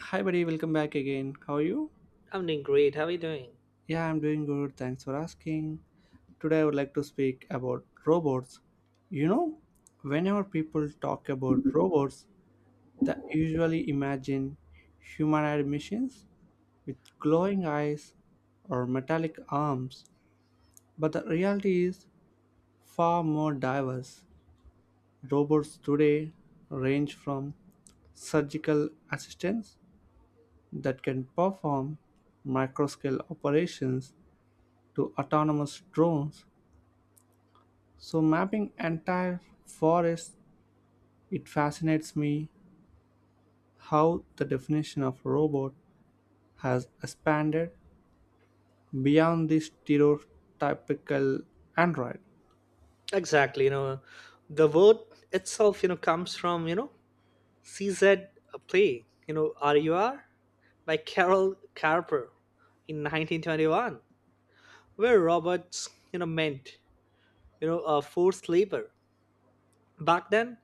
Hi, buddy. Welcome back again. How are you? I'm doing great. How are you doing? Yeah, I'm doing good. Thanks for asking. Today, I would like to speak about robots. You know, whenever people talk about robots, they usually imagine humanoid machines with glowing eyes or metallic arms. But the reality is far more diverse. Robots today range from surgical assistants that can perform microscale operations to autonomous drones. So, mapping entire forests, it fascinates me how the definition of robot has expanded beyond the stereotypical android. Exactly. The word itself, comes from, CZ play, RUR by Carol Carper in 1921, where robots, meant, forced labor. Back then,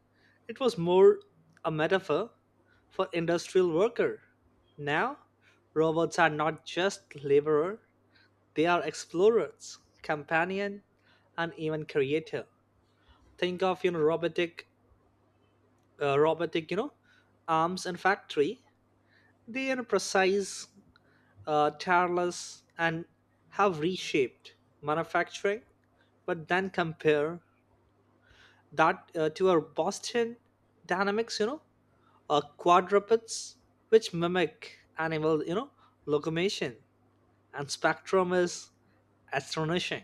it was more a metaphor for industrial worker. Now, robots are not just laborer, they are explorers, companion, and even creator. Think of robotic uh, robotic you know arms and factory. They are precise, tireless, and have reshaped manufacturing. But then compare that to our Boston Dynamics quadrupeds, which mimic animal locomotion, and spectrum is astonishing.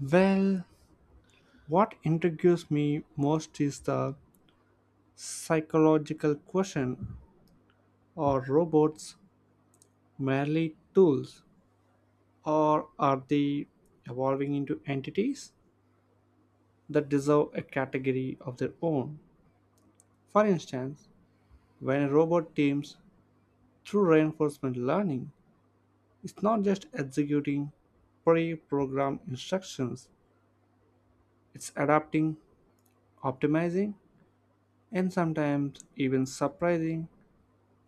Well, what intrigues me most is the psychological question, are robots merely tools, or are they evolving into entities that deserve a category of their own? For instance, when a robot teams through reinforcement learning, it's not just executing pre programmed instructions, it's adapting, optimizing, and sometimes even surprising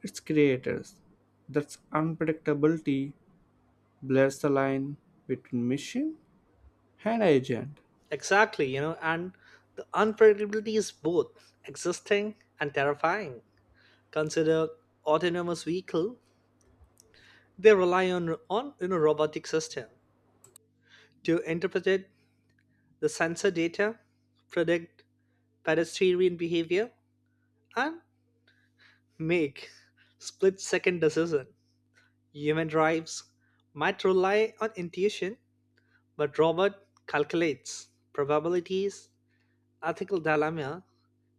its creators. That's unpredictability blurs the line between machine and agent. Exactly, and the unpredictability is both existing and terrifying. Consider autonomous vehicle. They rely on robotic system to interpret the sensor data, predict pedestrian behavior, and make split-second decision. Human drives might rely on intuition, but robot calculates probabilities. Ethical dilemma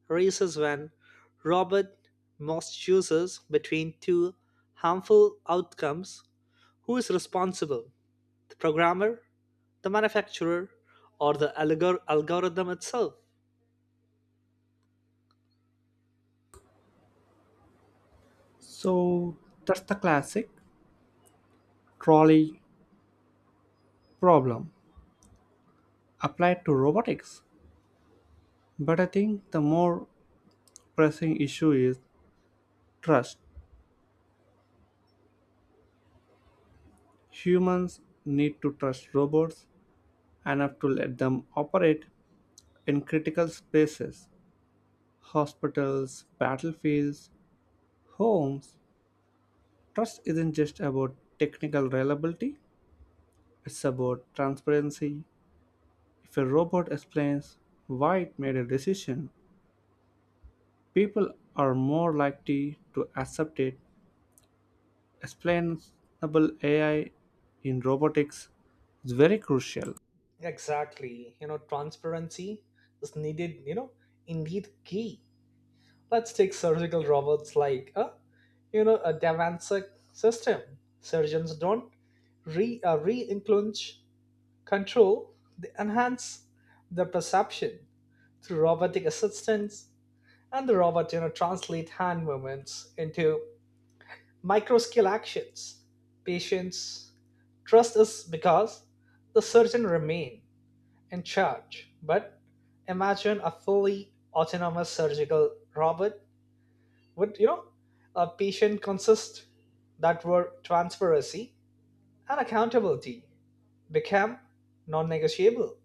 raises when robot must chooses between two harmful outcomes. Who is responsible? The programmer, the manufacturer, or the algorithm itself. So that's the classic trolley problem applied to robotics. But I think the more pressing issue is trust. Humans need to trust robots enough to let them operate in critical spaces, hospitals, battlefields, homes. Trust isn't just about technical reliability, it's about transparency. If a robot explains why it made a decision, people are more likely to accept it. Explainable AI in robotics is very crucial. Exactly. Transparency is needed, indeed key. Let's take surgical robots like a, a Davansic system. Surgeons don't re re-influence control, they enhance the perception through robotic assistance, and the robot, translate hand movements into micro scale actions. Patients trust us because the surgeon remain in charge. But imagine a fully autonomous surgical robot, would a patient consist that were transparency and accountability become non-negotiable.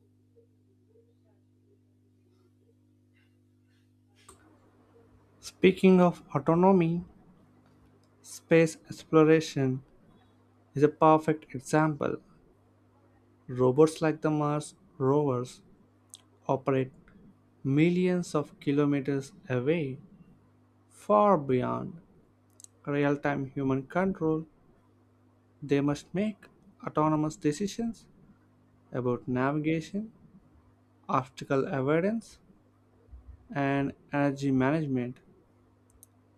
Speaking of autonomy, space exploration is a perfect example. Robots like the Mars rovers operate millions of kilometers away, far beyond real time human control. They must make autonomous decisions about navigation, obstacle avoidance, and energy management.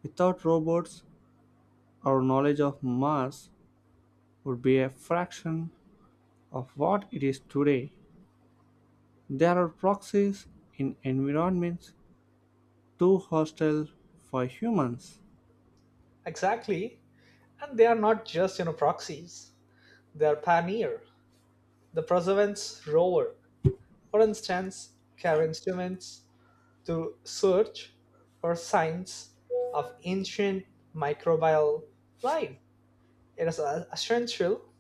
Without robots, our knowledge of Mars would be a fraction of what it is today. There are proxies in environments too hostile for humans. Exactly, and they are not just proxies; they are pioneer. The Preservance rover, for instance, carry instruments to search for signs of ancient microbial life. It is essential.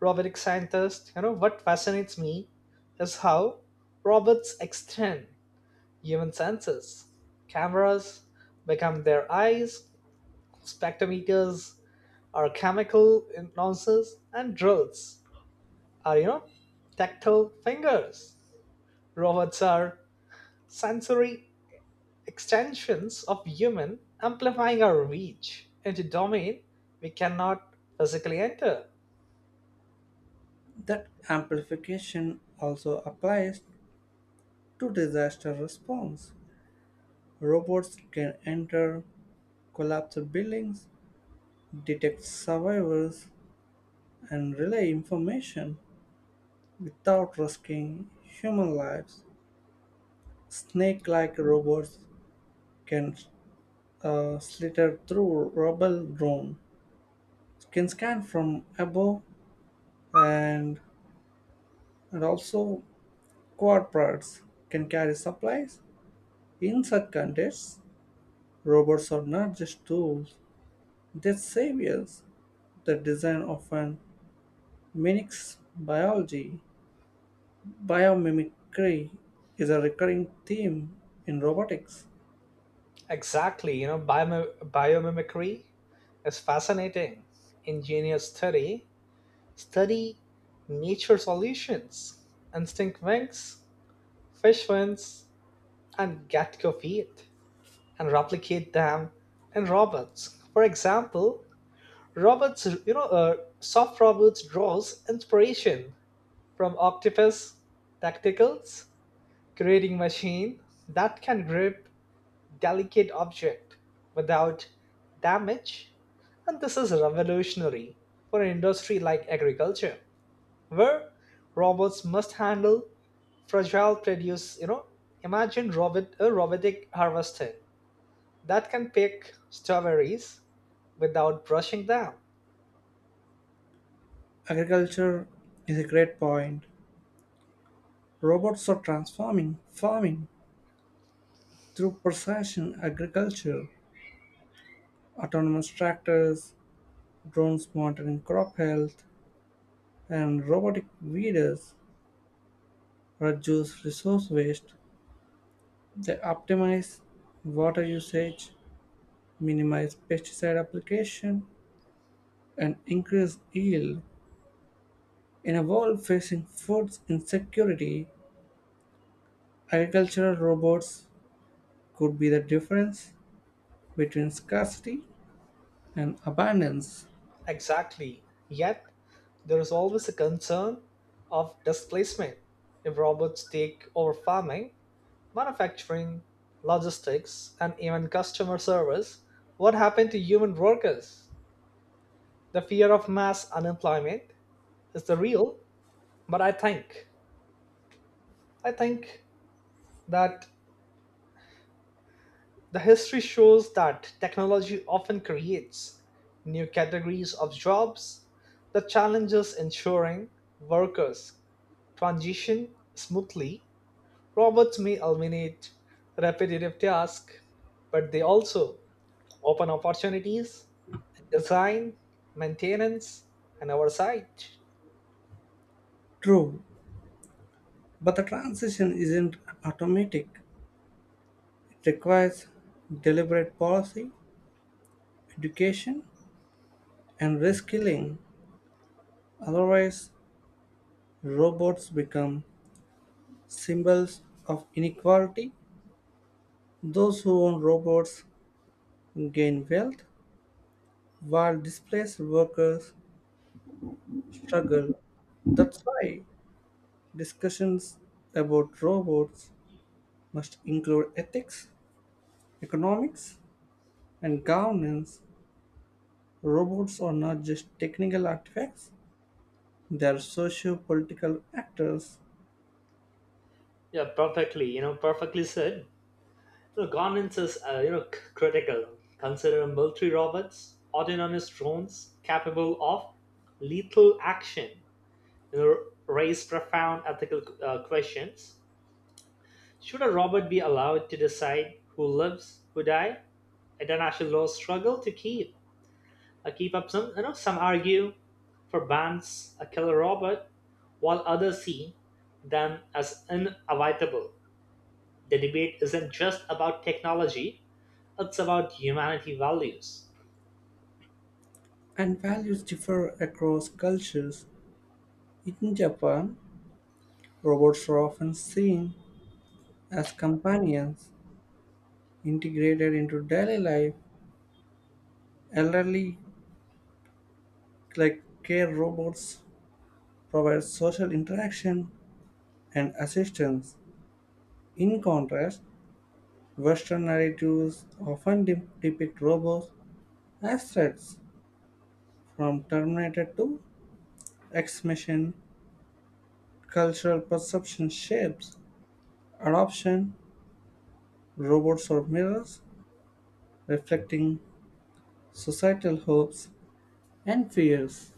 Robotic scientists, what fascinates me is how robots extend human senses. Cameras become their eyes, spectrometers are chemical noses, and drills are, tactile fingers. Robots are sensory extensions of human, amplifying our reach into domain we cannot physically enter. That amplification also applies to disaster response. Robots can enter collapsed buildings, detect survivors, and relay information without risking human lives. Snake like robots can slither through rubble drone, can scan from above, and, and also quadrupeds can carry supplies. In such contexts, robots are not just tools, they are saviors. The design often mimics biology. Biomimicry is a recurring theme in robotics. Exactly, biomimicry is fascinating. Ingenious study nature solutions, instinct wings, fish fins, and gecko feet, and replicate them in robots. For example, robots, you know, uh, soft robots draws inspiration from Octopus Tactical's, creating machine that can grip delicate object without damage, and this is revolutionary for an industry like agriculture, where robots must handle fragile produce. Imagine robot a robotic harvester that can pick strawberries without brushing them. Agriculture is a great point. Robots are transforming farming through precision agriculture, autonomous tractors, drones monitoring crop health, and robotic weeders reduce resource waste. They optimize water usage, minimize pesticide application, and increase yield. In a world facing food insecurity, agricultural robots could be the difference between scarcity and abundance. Exactly. Yet there is always a concern of displacement if robots take over farming, manufacturing, logistics, and even customer service. What happened to human workers? The fear of mass unemployment is the real, but I think that the history shows that technology often creates new categories of jobs. The challenge is ensuring workers transition smoothly. Robots may eliminate repetitive tasks, but they also open opportunities in design, maintenance, and oversight. True, but the transition isn't automatic. It requires deliberate policy, education, and reskilling. Otherwise, robots become symbols of inequality. Those who own robots gain wealth while displaced workers struggle. That's why discussions about robots must include ethics, economics, and governance. Robots are not just technical artifacts, they are socio political actors, Yeah, perfectly. Perfectly said. Governance is critical. Consider military robots, autonomous drones capable of lethal action. You know, Raise profound ethical questions. Should a robot be allowed to decide who lives, who dies? International laws struggle to keep up. Some some argue for Ban's a killer robot, while others see them as inevitable. The debate isn't just about technology, it's about humanity values. and values differ across cultures. In Japan, robots are often seen as companions integrated into daily life. Elderly like care robots provide social interaction and assistance. In contrast, Western narratives often depict robots as threats. From Terminator to X Machine, cultural perception shapes adoption. Robots are mirrors reflecting societal hopes and fears.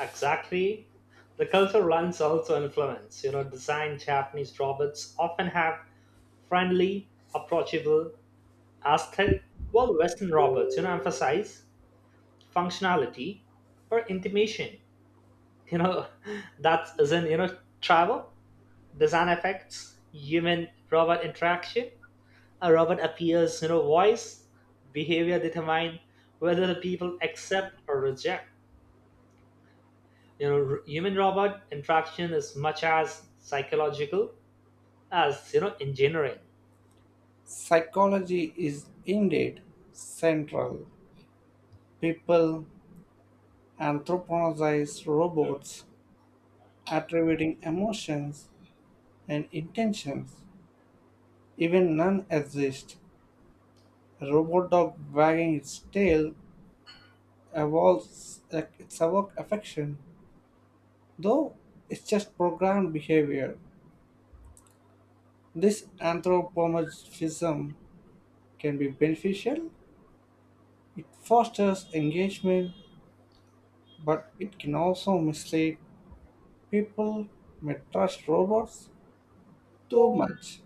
Exactly. The cultural lens also influence. Design Japanese robots often have friendly, approachable aesthetic, while Western robots, emphasize functionality or intimation. You know, that isn't, travel. Design effects, human robot interaction. A robot appears voice. Behavior determine whether the people accept or reject. Human robot interaction is much as psychological as engineering. Psychology is indeed central. People anthropomorphize robots attributing emotions and intentions, even none exist. A robot dog wagging its tail evolves its evoke affection, though it's just programmed behavior. This anthropomorphism can be beneficial. It fosters engagement, but it can also mislead. People may trust robots too much,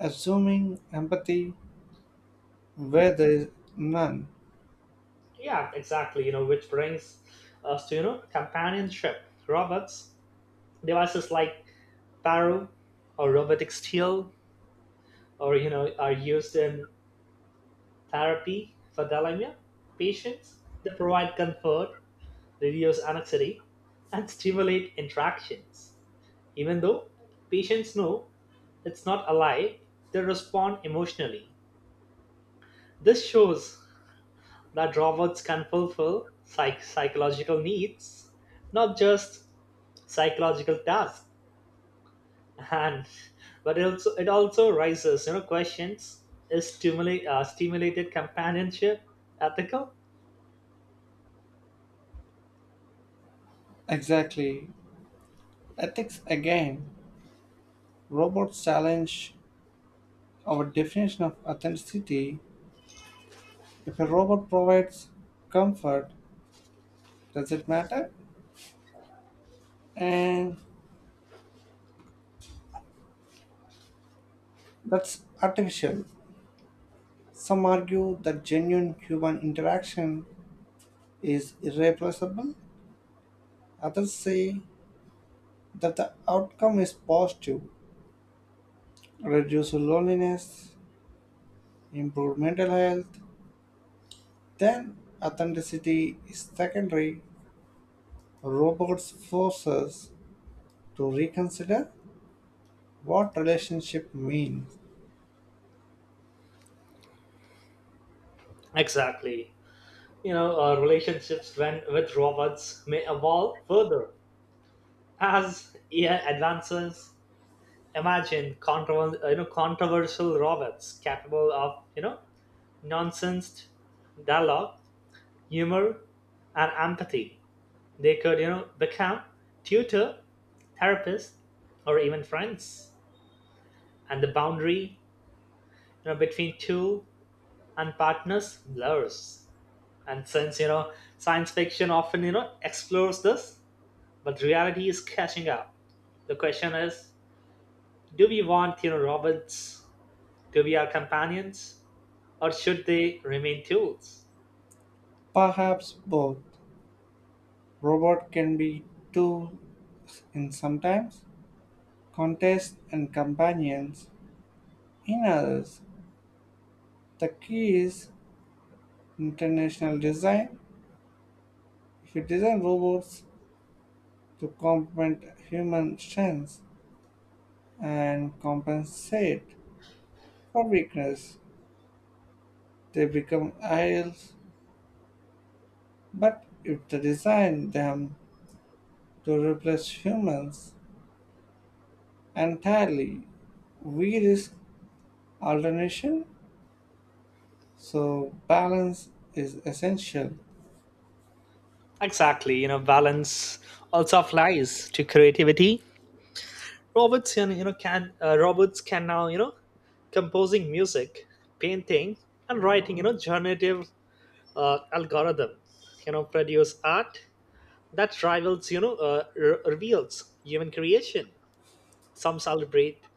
assuming empathy where there is none. Yeah, exactly. Which brings us to companionship. Robots devices like Paro or robotic steel or are used in therapy for dementia patients. They provide comfort, reduce anxiety, and stimulate interactions. Even though patients know it's not a lie, they respond emotionally. This shows that robots can fulfill psychological needs, not just psychological tasks. And but it also raises questions: is stimulated companionship ethical? Exactly. Ethics again. Robots challenge our definition of authenticity. If a robot provides comfort, does it matter? And that's artificial. Some argue that genuine human interaction is irreplaceable. Others say that the outcome is positive, reduce loneliness, improve mental health. Then authenticity is secondary. Robots force us to reconsider, what relationship mean? Exactly. Relationships when with robots may evolve further. As AI advances, imagine controversial robots capable of, nonsense dialogue, humor, and empathy. They could, become tutor, therapist, or even friends. And the boundary, between two and partners blurs. And since, science fiction often, explores this, but reality is catching up. The question is, do we want, robots? Do we are companions or should they remain tools? Perhaps both. Robot can be tools in sometimes, contest and companions in others. The key is international design. If you design robots to complement human strengths and compensate for weakness, they become idols. But if they design them to replace humans entirely, we risk alternation. So, balance is essential. Exactly, balance also applies to creativity. Robots can now, composing music, painting, and writing, generative algorithm, produce art that rivals, reveals human creation. Some celebrate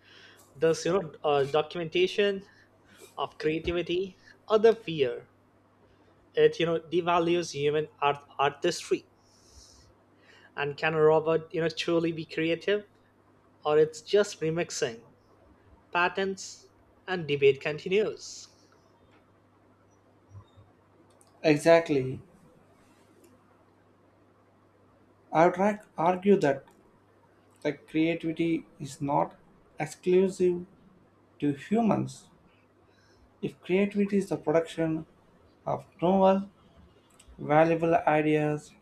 this, documentation of creativity, other fear it devalues human art artistry. And can a robot truly be creative, or it's just remixing patterns? And debate continues. Exactly. I would like argue that like creativity is not exclusive to humans. If creativity is the production of novel, valuable ideas,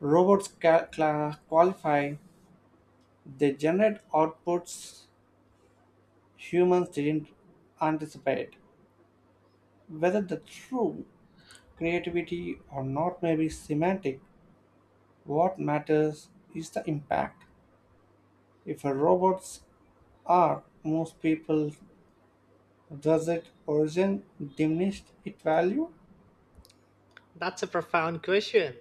robots qualify, they generate outputs humans didn't anticipate. Whether the true creativity or not may be semantic, what matters is the impact. If a robot's are, most people, does it origin diminish its value? That's a profound question.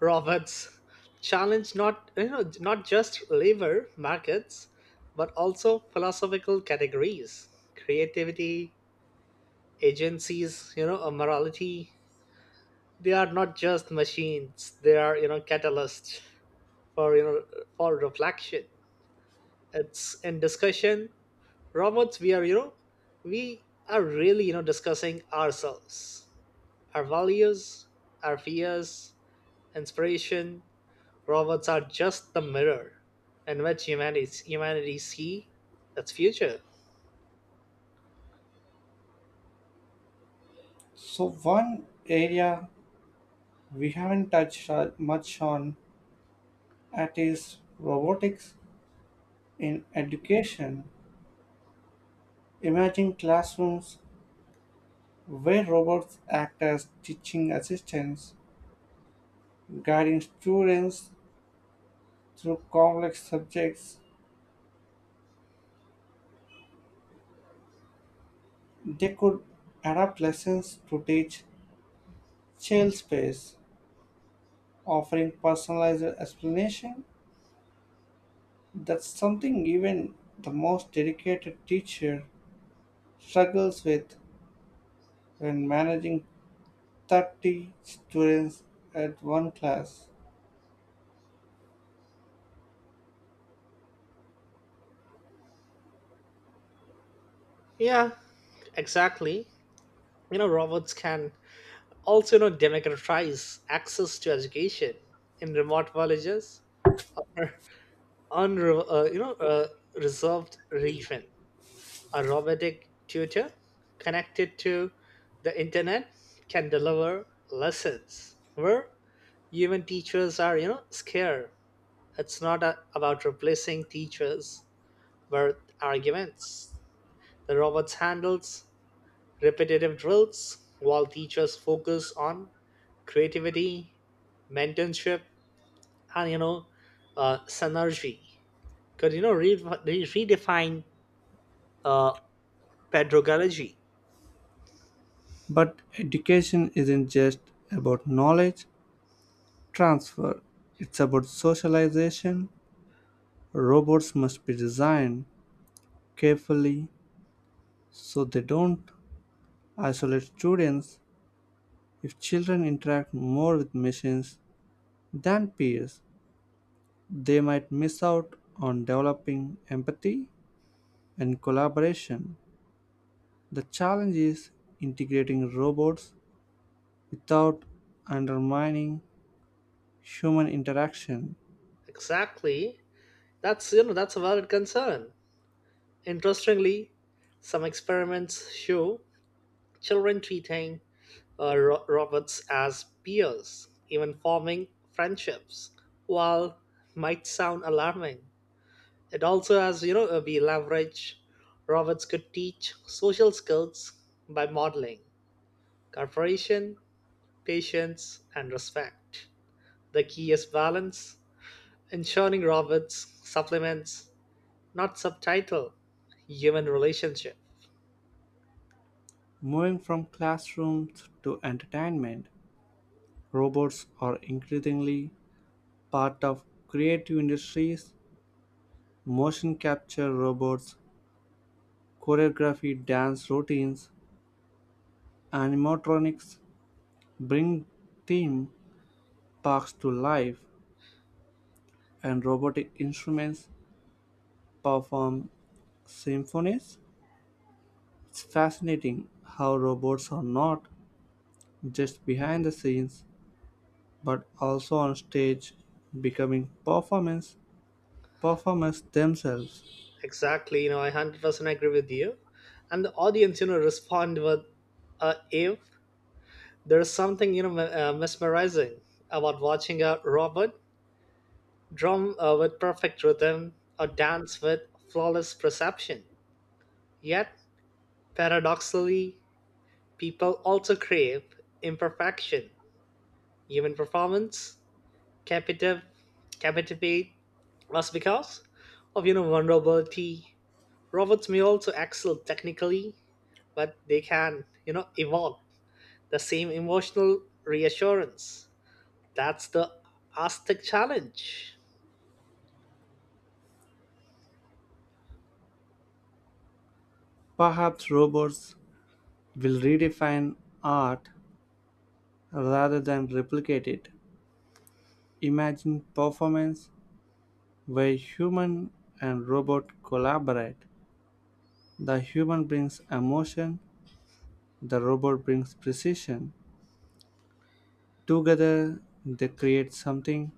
Robots challenge not not just labor markets, but also philosophical categories, creativity, agencies, a morality. They are not just machines. They are catalysts for for reflection. It's in discussion robots, we are really discussing ourselves, our values, our fears, inspiration. Robots are just the mirror in which humanity see its future. So one area we haven't touched on- much on at is robotics in education. Imagine classrooms where robots act as teaching assistants, guiding students through complex subjects. They could adapt lessons to teach child space, offering personalized explanation. That's something even the most dedicated teacher struggles with when managing 30 students at one class. Yeah, exactly. Robots can also democratize access to education in remote villages or unre- uh, you know uh, reserved region. A robotic tutor connected to the internet can deliver lessons where even teachers are, scared. It's not a, about replacing teachers with arguments. The robots handles repetitive drills while teachers focus on creativity, mentorship, and synergy. Could redefine uh, pedagogy. But education isn't just about knowledge transfer, it's about socialization. Robots must be designed carefully so they don't isolate students. If children interact more with machines than peers, they might miss out on developing empathy and collaboration. The challenge is integrating robots without undermining human interaction. Exactly. That's you know That's a valid concern. Interestingly, some experiments show children treating robots as peers, even forming friendships. While might sound alarming, it also has we leverage robots could teach social skills by modeling cooperation, patience, and respect. The key is balance, ensuring robots supplements not subtitle human relationship. Moving from classrooms to entertainment, robots are increasingly part of creative industries. Motion capture robots, choreography, dance routines, animatronics bring theme parks to life, and robotic instruments perform symphonies. It's fascinating how robots are not just behind the scenes but also on stage becoming performance performers themselves. Exactly. I 100% agree with you, and the audience respond with, if there's something mesmerizing about watching a robot drum, with perfect rhythm or dance with flawless perception. Yet paradoxically, people also crave imperfection. Human performance capita captivate us because of vulnerability. Robots may also excel technically, but they can evoke the same emotional reassurance. That's the Aztec challenge. Perhaps robots will redefine art rather than replicate it. Imagine performance where human and robot collaborate. The human brings emotion, the robot brings precision. Together they create something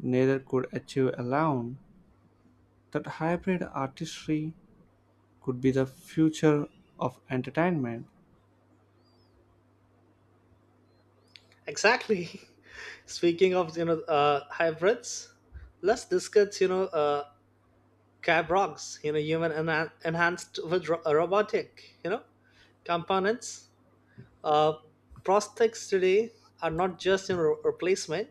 neither could achieve alone. That hybrid artistry could be the future of entertainment, Exactly. Speaking of hybrids, let's discuss Cab, human enhanced with robotic components. uh, Prosthetics today are not just replacement,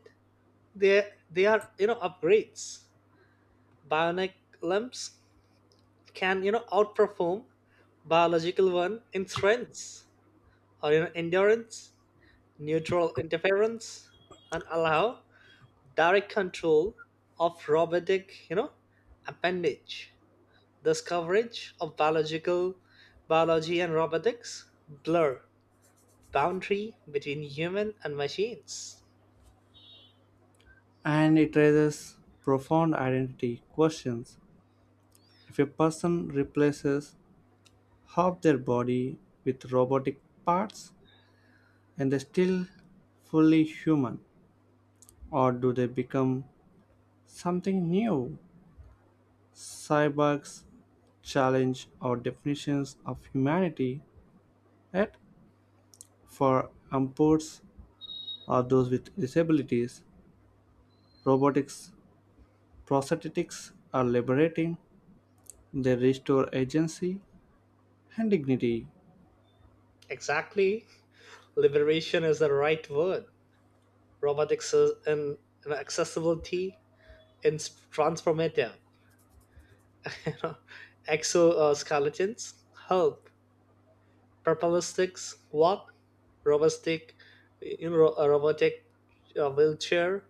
they are upgrades. Bionic limbs can outperform biological one in strength or endurance. Neutral interference and allow direct control of robotic appendage. This coverage of biological biology and robotics blur boundary between human and machines. and it raises profound identity questions. If a person replaces half their body with robotic parts, and they still fully human, or do they become something new? Cyborgs challenge our definitions of humanity, yet for amputees or those with disabilities, robotics prosthetics are liberating, they restore agency and dignity. Exactly. Liberation is the right word. Robotics is and accessibility is transformative. You know, Exoskeletons help. Propellistics, walk. Robostic, a robotic wheelchair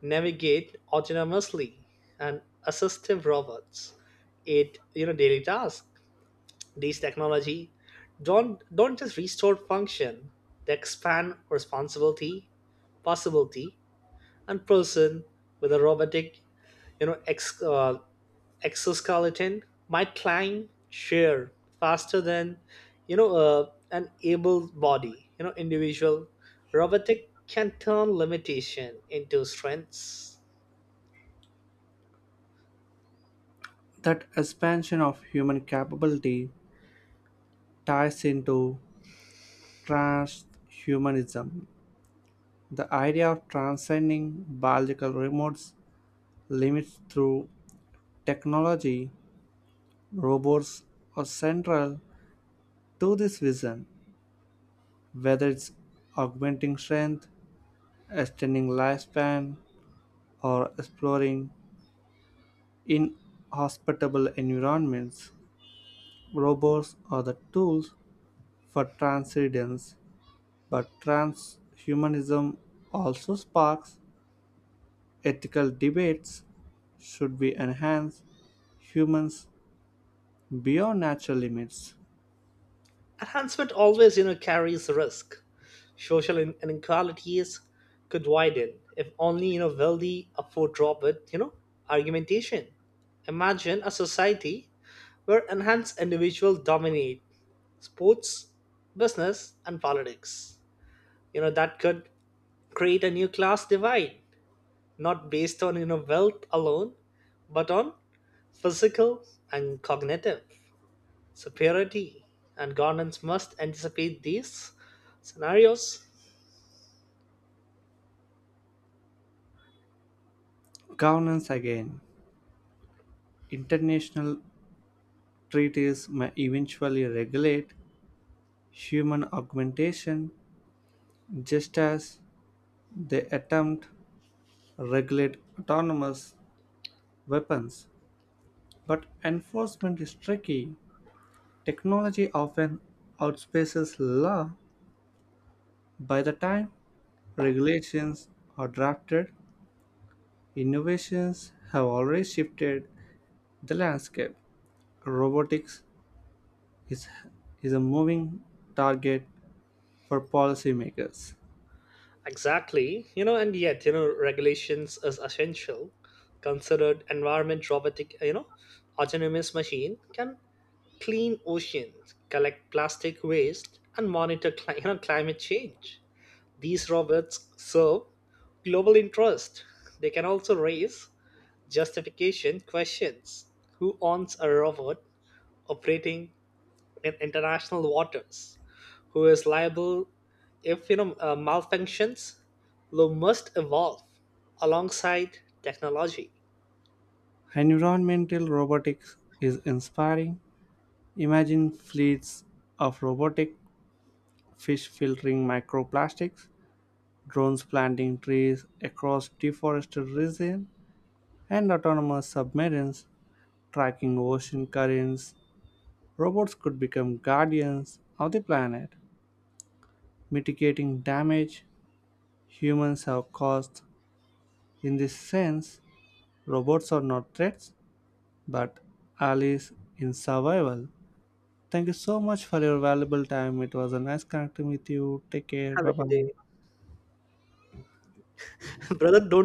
navigate autonomously, and assistive robots. It daily tasks. These technology don't just restore function; they expand responsibility, possibility, and person with a robotic, you know, ex, uh, exoskeleton might climb chair faster than an able body, individual. Robotic can turn limitation into strengths. That expansion of human capability ties into transhumanism. The idea of transcending biological remotes limits through technology, robots are central to this vision, whether it's augmenting strength, extending lifespan, or exploring inhospitable environments. Robots are the tools for transcendence, but transhumanism also sparks ethical debates. Should we enhance humans beyond natural limits? Enhancement always carries risk. Social inequalities could widen if only wealthy afford drop with argumentation. Imagine a society where enhanced individuals dominate sports, business, and politics. That could create a new class divide, not based on wealth alone, but on physical and cognitive security, and governance must anticipate these scenarios. Governance again. International treaties may eventually regulate human augmentation just as they attempt regulate autonomous weapons, but enforcement is tricky. Technology often outpaces law. By the time regulations are drafted, innovations have already shifted the landscape. Robotics is, is a moving target for policymakers. Exactly. And yet, regulations is essential. Considered environment robotic, autonomous machine can clean oceans, collect plastic waste, and monitor climate change. These robots serve global interest. They can also raise justification questions. Who owns a robot operating in international waters, who is liable if malfunctions. Law must evolve alongside technology. Environmental robotics is inspiring. Imagine fleets of robotic fish filtering microplastics, drones planting trees across deforested regions, and autonomous submarines tracking ocean currents, robots could become guardians of the planet, mitigating damage humans have caused. In this sense, robots are not threats, but allies in survival. Thank you so much for your valuable time. It was a nice connecting with you. Take care. Have a Bye good bye. day, brother. Don't